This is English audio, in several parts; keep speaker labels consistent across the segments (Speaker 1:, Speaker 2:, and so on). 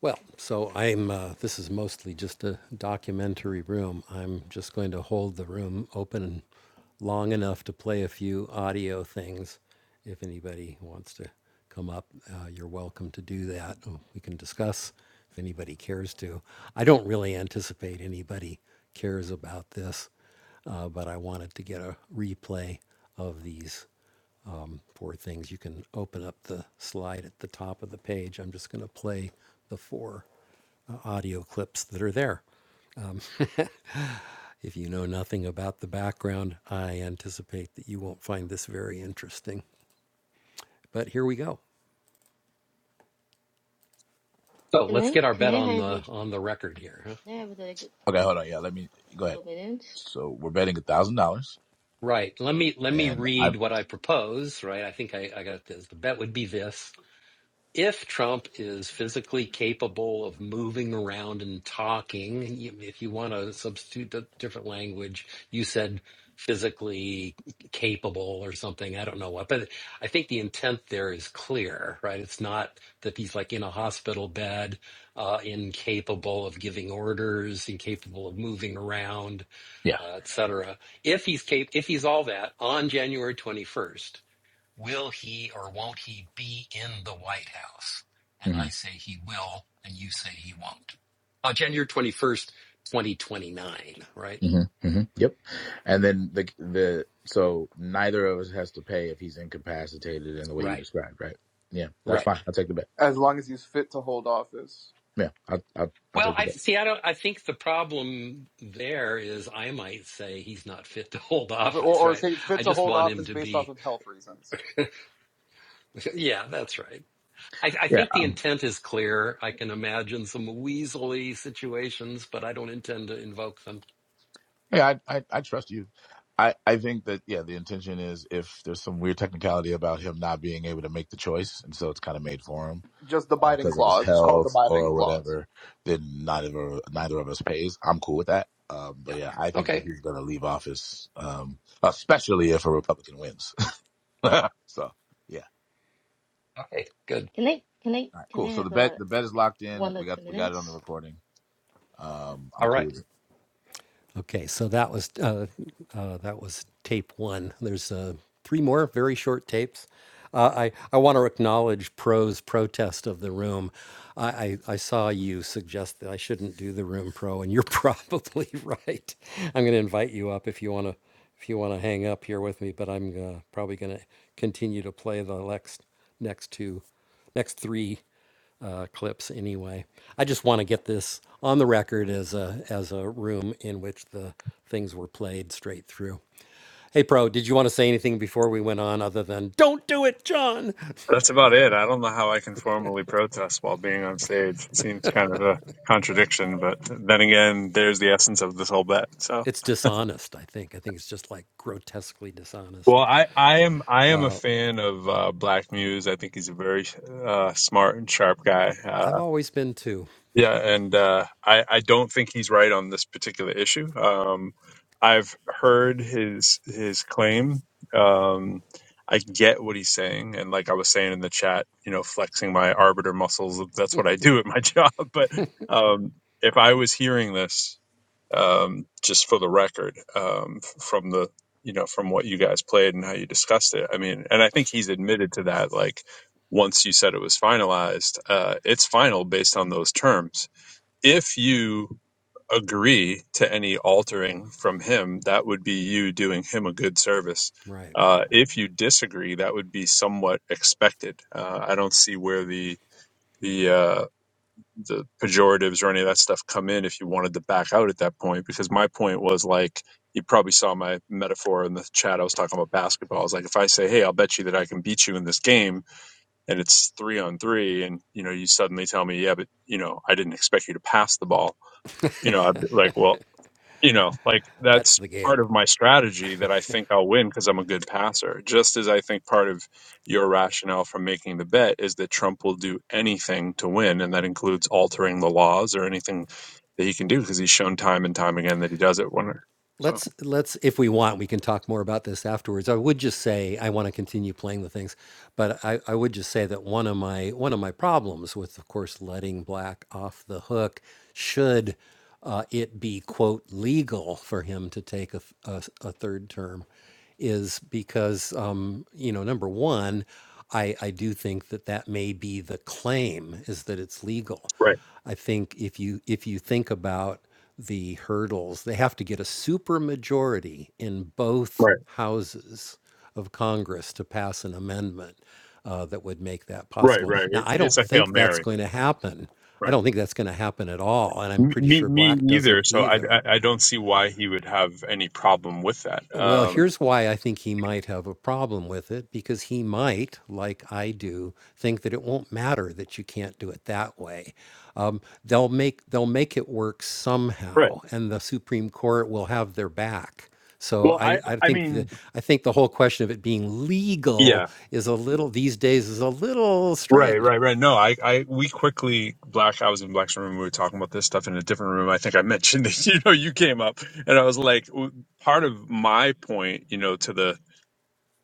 Speaker 1: Well, so I'm, uh, this is mostly just a documentary room. I'm just going to hold the room open long enough to play a few audio things. If anybody wants to come up, uh, you're welcome to do that. Uh, We can discuss if anybody cares to. I don't really anticipate anybody cares about this, uh, but I wanted to get a replay of these four things. You can open up the slide at the top of the page. I'm just going to play the four uh, audio clips that are there. If you know nothing about the background, I anticipate that you won't find this very interesting. But here we go. So let's get our bet on the on the record here. Huh? Okay, hold on. Yeah, let me go ahead. So we're betting a thousand dollars, Right. Let me let me and I read what I propose. Right. I think I, I got this. The bet would be this. if Trump is physically capable of moving around and talking, if you want to substitute a different language, you said physically capable or something. I don't know what, but I think the intent there is clear, right? It's not that he's like in a hospital bed, uh, incapable of giving orders, incapable of moving around, Yeah. uh, et cetera. If he's cap- if he's all that on January 21st, will he or won't he be in the White House? And mm-hmm. I say he will, and you say he won't. Uh, January 21st, 2029, right? hmm hmm Yep. And then the the so neither of us has to pay if he's incapacitated in the way right. you Right, described, right? Yeah, that's right. fine. I'll take the bet. as long as he's fit to hold office. Yeah, I'll I'll, I'll Well, I'll I see. I don't. I think the problem there is I might say he's not fit to hold office, or or right? say fit I to hold office to based be... off of health reasons. Yeah, that's right. I, I Yeah. think the Um, intent is clear. I can imagine some weaselly situations, but I don't intend to invoke them. Yeah, I, I, I trust you. I, I think that, yeah, the intention is if there's some weird technicality about him not being able to make the choice, and so it's kind of made for him Just the Biden because of his clause. It's called the health Biden or clause. whatever, then neither of, neither of us pays. I'm cool with that. Um, but Yeah. yeah, I think that Okay. he's going to leave office, um, especially if a Republican wins. so, yeah. Okay, good. Can they? Can they? All right, Can I cool. So the have bet a the bet is locked in. one or We got two we got it on the minutes? recording. Um, All i Okay, so that was uh, uh, that was tape one. There's uh, three more very short tapes. Uh, I I want to acknowledge Pro's protest of the room. I, I I saw you suggest that I shouldn't do the room, Pro, and you're probably right. I'm going to invite you up if you want to if you want to hang up here with me, but I'm uh, probably going to continue to play the next next two next three uh, clips anyway. I just want to get this on the record as a as a room in which the things were played straight through. Hey, Pro, did you want to say anything before we went on other than "Don't do it, John"?
Speaker 2: That's about it. I don't know how I can formally protest while being on stage. It seems kind of a contradiction, but then again, there's the essence of this whole bet. So,
Speaker 1: It's dishonest. I think. I think it's just like grotesquely
Speaker 2: well,
Speaker 1: dishonest.
Speaker 2: I, I am I am a fan of uh, Black Muse. I think he's a very uh, smart and sharp guy. Uh,
Speaker 1: I've always been too.
Speaker 2: Yeah, and uh, I I don't think he's right on this particular issue. Um, I've heard his his claim. Um, I get what he's saying, and like I was saying in the chat, you know, flexing my arbiter muscles. That's what I do at my job. But um, if I was hearing this, um, just for the record, um, f- from the you know from what you guys played and how you discussed it, I mean, and I think he's admitted to that. Like once you said it was finalized, uh, it's final based on those terms if you agree to any altering from him, that would be you doing him a good service.
Speaker 1: Right.
Speaker 2: Uh, if you disagree, that would be somewhat expected. Uh, I don't see where the the uh, the pejoratives or any of that stuff come in if you wanted to back out at that point. Because my point was like you probably saw my metaphor in the chat. I was talking about basketball. I was like, if I say, "Hey, I'll bet you that I can beat you in this game," and it's three on three, and you know, you suddenly tell me, "Yeah, but you know, I didn't expect you to pass the ball." you know, I'd be like, well, you know, like
Speaker 1: That's
Speaker 2: that's
Speaker 1: the game.
Speaker 2: part of my strategy that I think I'll win because I'm a good passer. Just as I think part of your rationale for making the bet is that Trump will do anything to win, and that includes altering the laws or anything that he can do because he's shown time and time again that he does it. When so
Speaker 1: Let's let's if we want, we can talk more about this afterwards. I would just say I want to continue playing the things, but I, I would just say that one of my one of my problems with, of course, letting Black off the hook should uh, it be quote legal for him to take a, th- a, s- a third term is because um, you know number one, I I do think that that may be the claim is that it's legal.
Speaker 2: Right,
Speaker 1: I think if you if you think about the hurdles. They have to get a supermajority in both
Speaker 2: right,
Speaker 1: houses of Congress to pass an amendment uh, that would make that
Speaker 2: right,
Speaker 1: possible.
Speaker 2: right.
Speaker 1: Now,
Speaker 2: It's
Speaker 1: I
Speaker 2: it's
Speaker 1: don't
Speaker 2: a hail
Speaker 1: think that's
Speaker 2: mary.
Speaker 1: going to happen. I
Speaker 2: Right.
Speaker 1: don't think that's going to happen at all, and I'm pretty
Speaker 2: me, me
Speaker 1: sure Black
Speaker 2: me either.
Speaker 1: doesn't
Speaker 2: So I, I
Speaker 1: either.
Speaker 2: I don't see why he would have any problem with that.
Speaker 1: Well,
Speaker 2: Um,
Speaker 1: here's why I think he might have a problem with it because he might, like I do, think that it won't matter that you can't do it that way. Um, they'll make they'll make it work
Speaker 2: Right.
Speaker 1: somehow, and the Supreme Court will have their back. So
Speaker 2: Well, I
Speaker 1: I, I
Speaker 2: I
Speaker 1: think the
Speaker 2: mean.
Speaker 1: I think the whole question of it being
Speaker 2: yeah.
Speaker 1: legal is a little these days is a little
Speaker 2: Right,
Speaker 1: strained.
Speaker 2: right, right. No, I, I, we quickly, Black, I was in Black's room. We were talking about this stuff in a different room. I think I mentioned that, you know, you came up and I was like, w- part of my point, you know, to the,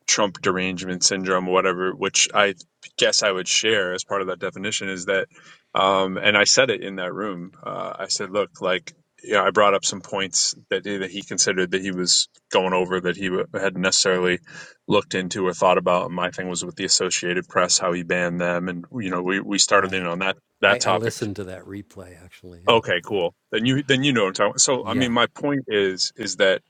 Speaker 2: Trump derangement syndrome, whatever, which I guess I would share as part of that definition is that, um, and I said it in that room. Uh, I said, look, like, yeah, I brought up some points that, eh, that he considered that he was going over that he w- hadn't necessarily looked into or thought about. And my thing was with the Associated Press, how he banned them, and you know, we we started in
Speaker 1: Right.
Speaker 2: on that
Speaker 1: I,
Speaker 2: that
Speaker 1: I
Speaker 2: topic.
Speaker 1: listened to that replay actually. Yeah.
Speaker 2: Okay, cool. Then you then you know what I'm talking. About. So I mean,
Speaker 1: Yeah.
Speaker 2: my point is is that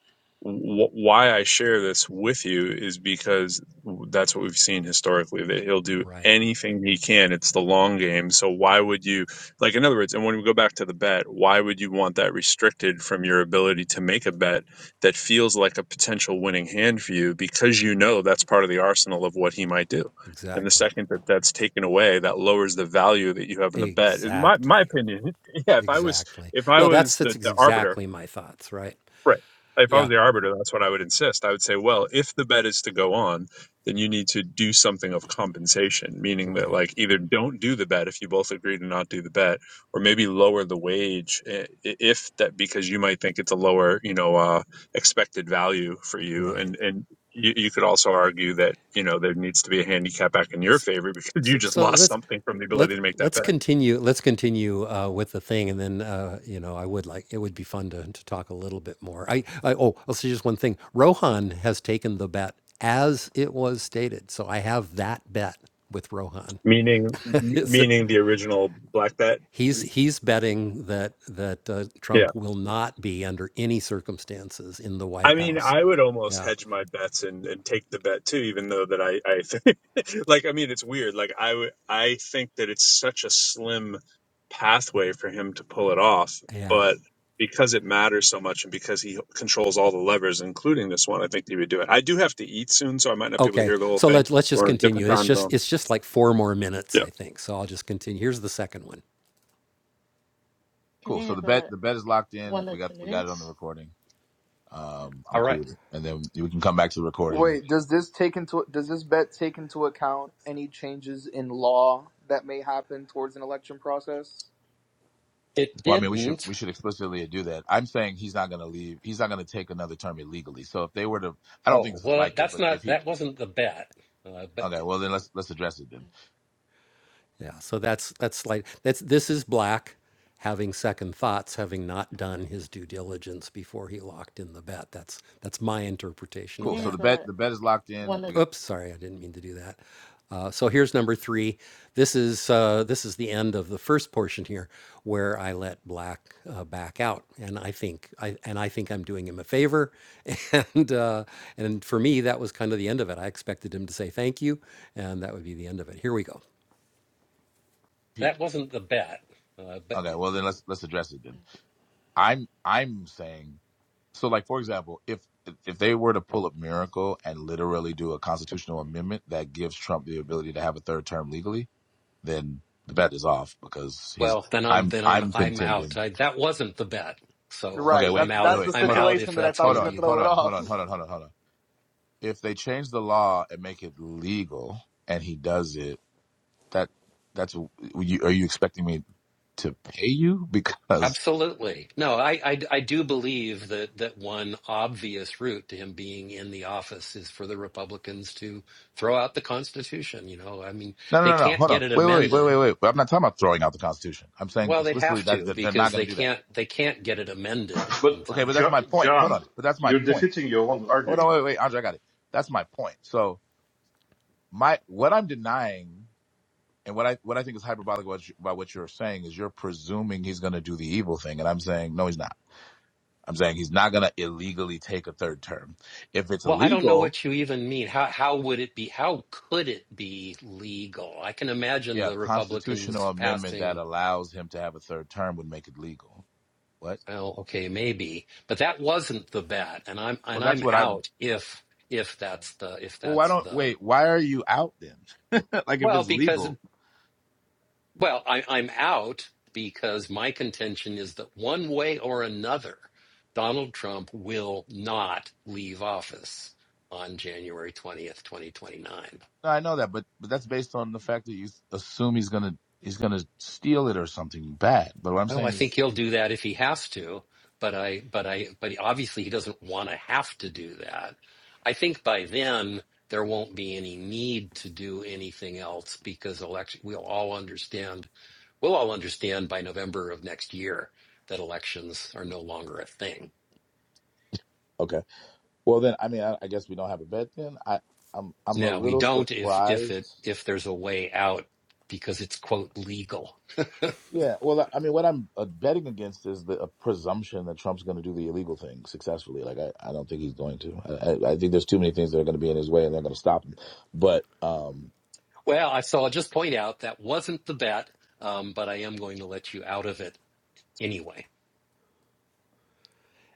Speaker 2: w- why I share this with you is because that's what we've seen historically that he'll do
Speaker 1: Right.
Speaker 2: anything he can. It's the long game. So why would you like? In other words, and when we go back to the bet, why would you want that restricted from your ability to make a bet that feels like a potential winning hand for you because you know that's part of the arsenal of what he might do. And the
Speaker 1: Exactly.
Speaker 2: second that that's taken away, that lowers the value that you have in the bet. In my my
Speaker 1: Exactly.
Speaker 2: opinion, yeah, if I was
Speaker 1: Exactly.
Speaker 2: if I
Speaker 1: No,
Speaker 2: was
Speaker 1: that's
Speaker 2: the,
Speaker 1: that's
Speaker 2: the arbiter,
Speaker 1: exactly my thoughts, right?
Speaker 2: right? If I was
Speaker 1: Yeah,
Speaker 2: the arbiter, that's what I would insist. I would say, well, if the bet is to go on, then you need to do something of compensation, meaning that
Speaker 1: right,
Speaker 2: like either don't do the bet if you both agree to not do the bet, or maybe lower the wage eh, i- if that because you might think it's a lower, you know, uh, expected value for you, and
Speaker 1: right.
Speaker 2: and you, you could also argue that you know there needs to be a handicap back in your favor because
Speaker 1: So,
Speaker 2: you just
Speaker 1: so
Speaker 2: lost
Speaker 1: let's
Speaker 2: something from the
Speaker 1: let
Speaker 2: ability to make that
Speaker 1: let's
Speaker 2: bet
Speaker 1: continue let's continue uh, with the thing, and then uh, you know I would like it would be fun to, to talk a little bit more. I, I oh I'll say just one thing. Rohan has taken the bet as it was stated, so I have that bet with Rohan.
Speaker 2: meaning m-
Speaker 1: It's-
Speaker 2: meaning the original black bet
Speaker 1: he's he's betting that that uh,
Speaker 2: Yeah.
Speaker 1: Trump will not be under any circumstances in the White
Speaker 2: I mean,
Speaker 1: House.
Speaker 2: I would almost
Speaker 1: Yeah.
Speaker 2: hedge my bets and, and take the bet too, even though that I, I think, like, I mean, it's weird. Like, I would, I think that it's such a slim pathway for him to pull it off.
Speaker 1: Yeah.
Speaker 2: But because it matters so much and because he controls all the levers, including this one, I think he would do it. I do have to eat soon, so I might not be able to
Speaker 1: Okay,
Speaker 2: hear the whole
Speaker 1: so
Speaker 2: thing
Speaker 1: let's let's just
Speaker 2: or a different
Speaker 1: continue. It's
Speaker 2: time
Speaker 1: just
Speaker 2: zone.
Speaker 1: it's just like four more minutes, I think. So I'll just continue. Here's the second one. Cool. So the bet the bet is locked in. We got we got it on the recording. Um, I'm All I'm right. cool, and then we can come back to the recording. Wait, does this take into does this bet take into account any changes in law that may happen towards an election process? It Well, I mean, we should didn't. we should explicitly do that. I'm saying he's not going to leave. He's not going to take another term illegally. So if they were to, I don't think Oh this is well, likely, that's but if not he that wasn't the bet. Uh, but okay, well then let's let's address it then. Yeah, so that's that's like that's this is black having second thoughts, having not done his due diligence before he locked in the bet. That's that's my interpretation of Cool. So that. Here's the bet a the bet is locked in. one of We Oops, sorry, I didn't mean to do that. Uh, so here's number three. This is uh, this is the end of the first portion here, where I let Black uh, back out, and I think I and I think I'm doing him a favor, and uh, and for me that was kind of the end of it. I expected him to say thank you, and that would be the end of it. Here we go. That wasn't the bet. Uh, but Okay, well then let's let's address it then. I'm I'm saying so like for example, if if they were to pull a miracle and literally do a constitutional amendment that gives Trump the ability to have a third term legally, then the bet is off because he's well, then I'm I'm then I'm I'm I'm out. contending. I, that wasn't the bet, so Okay, Right. wait, I'm That's I'm out. that's wait, the I'm hold on, out if stipulation that I that's thought hold was what going to on, to you. throw hold it on, off. hold off. on, hold on, hold on, hold on. If they change the law and make it legal and he does it that that's were you, are you expecting me to pay you because Absolutely. No, I, I, I do believe that, that one obvious route to him being in the office is for the Republicans to throw out the Constitution. You know, I mean, no they no no no can't hold on get an wait wait wait amendment. wait wait But I'm not talking about throwing out the Constitution I'm saying Well, they'd explicitly have that, to that they're not because going they to do that can't they can't get it amended in but okay but time. that's Jo- my John, point hold John, on but that's my you're point defeating your own hold on argument. wait wait Andre I got it that's my point so my what I'm denying and what I what I think is hyperbolic about, you- about what you're saying is you're presuming he's going to do the evil thing, and I'm saying no, he's not. I'm saying he's not going to illegally take a third term. If it's Well, I don't know illegal, what you even mean. How how would it be? How could it be legal? I can imagine yeah, a the Republicans constitutional amendment that passing. allows him to have a third term would make it legal. What? Well, okay, maybe, but that wasn't the bet, and I'm Well, and that's I'm what I. out if if that's the if Well, why that's don't the wait? Why are you out then? like if well it's because legal. Well, I, I'm out because my contention is that one way or another, Donald Trump will not leave office on January 20th, 2029. No, I know that, but but that's based on the fact that you assume he's gonna he's gonna steal it or something bad. But what I'm Oh, I saying is, think he'll do that if he has to, but I, but I, but he, obviously he doesn't want to have to do that. I think by then there won't be any need to do anything else because election we'll all understand we'll all understand by November of next year that elections are no longer a thing. Okay. Well, then, I mean, I, I guess we don't have a bet then. I, I'm, I'm a Now we little don't if if it surprised. if there's a way out because it's quote legal. Yeah. Well, I I mean, what I'm uh, betting against is the uh, presumption that Trump's going to do the illegal thing successfully. Like, I, I don't think he's going to. I, I I think there's too many things that are going to be in his way and they're going to stop him. But, um, well, I so I'll just point out that wasn't the bet, um, but I am going to let you out of it anyway.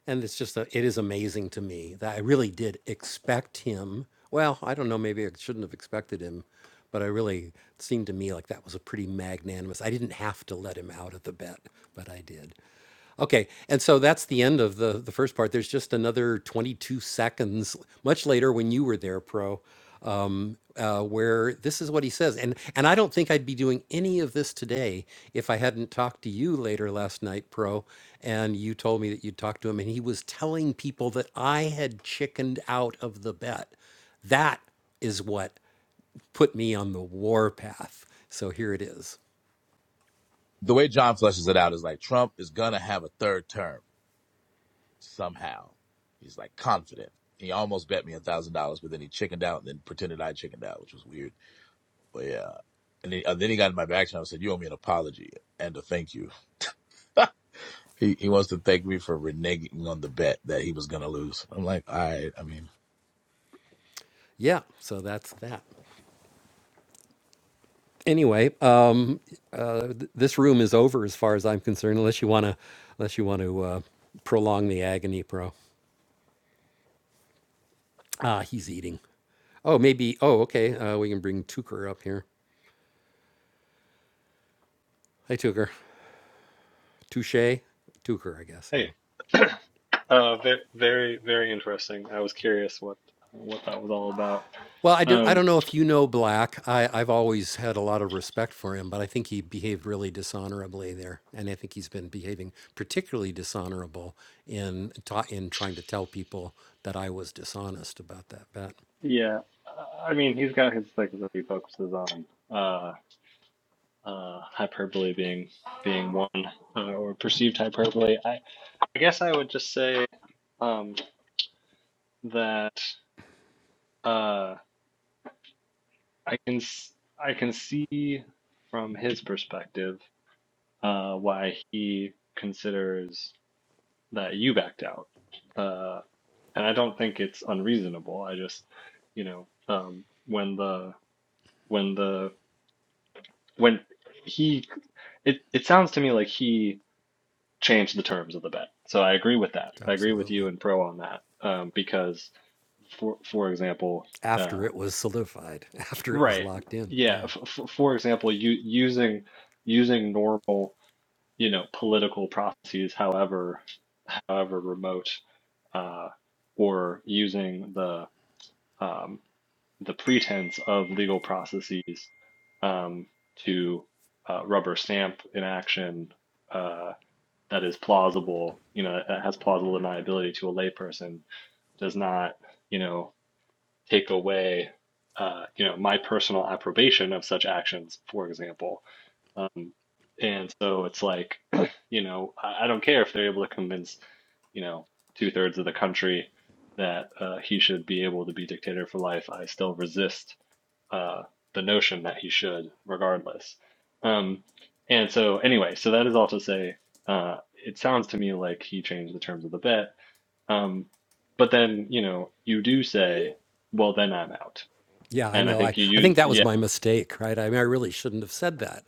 Speaker 1: and it's just a, it is amazing to me that I really did expect him. Well, I don't know, maybe I shouldn't have expected him, but I really it seemed to me like that was a pretty magnanimous. I didn't have to let him out of the bet, but I did. Okay, and so that's the end of the the first part. There's just another 22 seconds, much later when you were there, Pro, um, uh, where this is what he says, and and I don't think I'd be doing any of this today if I hadn't talked to you later last night, Pro, and you told me that you'd talked to him, and he was telling people that I had chickened out of the bet. That is what put me on the war path. So here it is. The way John fleshes it out is like Trump is gonna have a third term somehow. He's like confident. He almost bet me a thousand dollars, but then he chickened out and then pretended I chickened out, which was weird. But yeah. And, he, and then he got in my back and I said, "You owe me an apology and a thank you." He he wants to thank me for reneging on the bet that he was gonna lose. I'm like, all right. I mean, Yeah, so that's that. Anyway, um, uh, th- this room is over as far as I'm concerned, unless you want to, unless you want to uh, prolong the agony, bro. Ah, he's eating. Oh, maybe. Oh, okay. Uh, we can bring Tucker up here. I took her. Touche. Took her, I guess. Yeah.
Speaker 3: Hey, uh, very, very, very interesting. I was curious what what that was all about.
Speaker 1: Well, I, do, I
Speaker 3: Um,
Speaker 1: don't know if you know Black. I, I've always had a lot of respect for him, but I think he behaved really dishonorably there. And I think he's been behaving particularly dishonorable in, ta- in trying to tell people that I was dishonest about that bet.
Speaker 3: yeah, I mean, he's got his things that he focuses on. Uh, uh, hyperbole being being one, uh, or perceived hyperbole. I, I guess I would just say um, that uh, I can s- I can see from his perspective uh, why he considers. that you backed out. Uh, and I don't think it's unreasonable. I just, you know, um, when the when the when he it it sounds to me like he changed the terms of the bet. So I agree with that. I agree with you
Speaker 1: Absolutely.
Speaker 3: and Pro on that um, because for for example, uh,
Speaker 1: After it was solidified, after it was
Speaker 3: right,
Speaker 1: locked in.
Speaker 3: yeah,
Speaker 1: Yeah.
Speaker 3: f for example, you using using normal you know political processes, however however remote, uh, or using the um, the pretense of legal processes um, to uh, rubber stamp an action uh, that is plausible, you know, that has plausible deniability to a layperson does not, you know, take away, uh, you know, my personal approbation of such actions, for example. Um, and so it's like, you know, I, I don't care if they're able to convince, you know, two thirds of the country that uh, he should be able to be dictator for life. I still resist uh, the notion that he should, regardless. Um, and so, anyway, so that is all to say, uh, it sounds to me like he changed the terms of the bet um, but then, you know, you do say, well, then I'm out.
Speaker 1: Yeah, I
Speaker 3: And I
Speaker 1: know. I,
Speaker 3: think you
Speaker 1: I think
Speaker 3: use,
Speaker 1: that was
Speaker 3: yeah,
Speaker 1: my mistake, right? I mean, I really shouldn't have said that.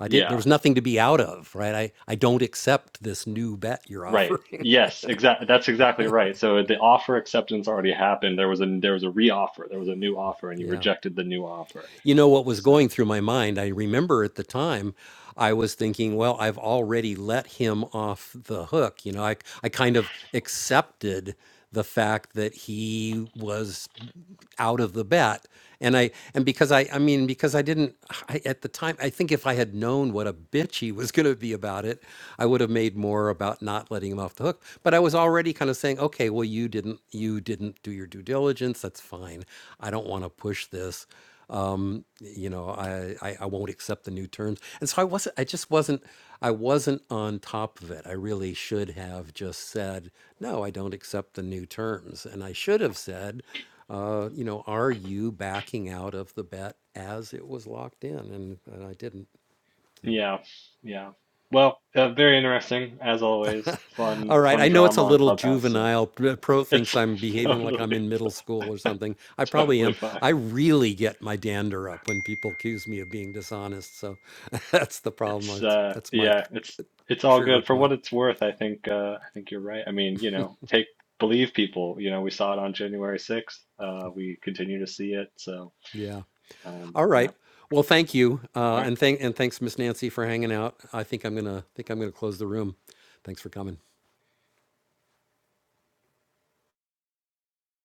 Speaker 1: I did. There
Speaker 3: yeah,
Speaker 1: was nothing to be out of, right? I, I don't accept this new bet you're
Speaker 3: right.
Speaker 1: offering.
Speaker 3: Yes, exactly. That's exactly right. So the offer acceptance already happened. There was a, there was a re-offer. There was a new offer and you
Speaker 1: yeah.
Speaker 3: rejected the new offer.
Speaker 1: You know what was
Speaker 3: So
Speaker 1: going through my mind? I remember at the time, I was thinking, well, I've already let him off the hook. You know, I, I kind of accepted the fact that he was out of the bet and i and because i i mean because i didn't I, at the time i think if i had known what a bitch he was going to be about it i would have made more about not letting him off the hook but i was already kind of saying okay well you didn't you didn't do your due diligence that's fine i don't want to push this um, you know, I, I, I won't accept the new terms. And so I wasn't, I just wasn't, I wasn't on top of it. I really should have just said, no, I don't accept the new terms. And I should have said, uh, you know, are you backing out of the bet as it was locked in? And, and I didn't.
Speaker 3: yeah, yeah. Well, uh, very interesting as always. Fun,
Speaker 1: All right.
Speaker 3: fun
Speaker 1: I know it's a
Speaker 3: drama on
Speaker 1: little
Speaker 3: Clubhouse. So
Speaker 1: juvenile. P- Pro
Speaker 3: it's
Speaker 1: thinks I'm behaving like
Speaker 3: totally,
Speaker 1: I'm in middle school or something. I probably
Speaker 3: totally
Speaker 1: am.
Speaker 3: fine.
Speaker 1: I really get my dander up when people accuse me of being dishonest. So that's the problem.
Speaker 3: It's
Speaker 1: That's,
Speaker 3: uh
Speaker 1: that's my
Speaker 3: yeah,
Speaker 1: cr-
Speaker 3: it's it's all
Speaker 1: trigger
Speaker 3: good for what
Speaker 1: point.
Speaker 3: it's worth. I think uh I think you're right. I mean, you know, take believe people. You know, we saw it on January 6th. Uh we continue to see it. So,
Speaker 1: Yeah.
Speaker 3: um
Speaker 1: All
Speaker 3: yeah.
Speaker 1: right. Well, thank you,
Speaker 3: All
Speaker 1: uh,
Speaker 3: right.
Speaker 1: and thank and thanks, Miss Nancy, for hanging out. I think I'm gonna think I'm gonna close the room. Thanks for coming.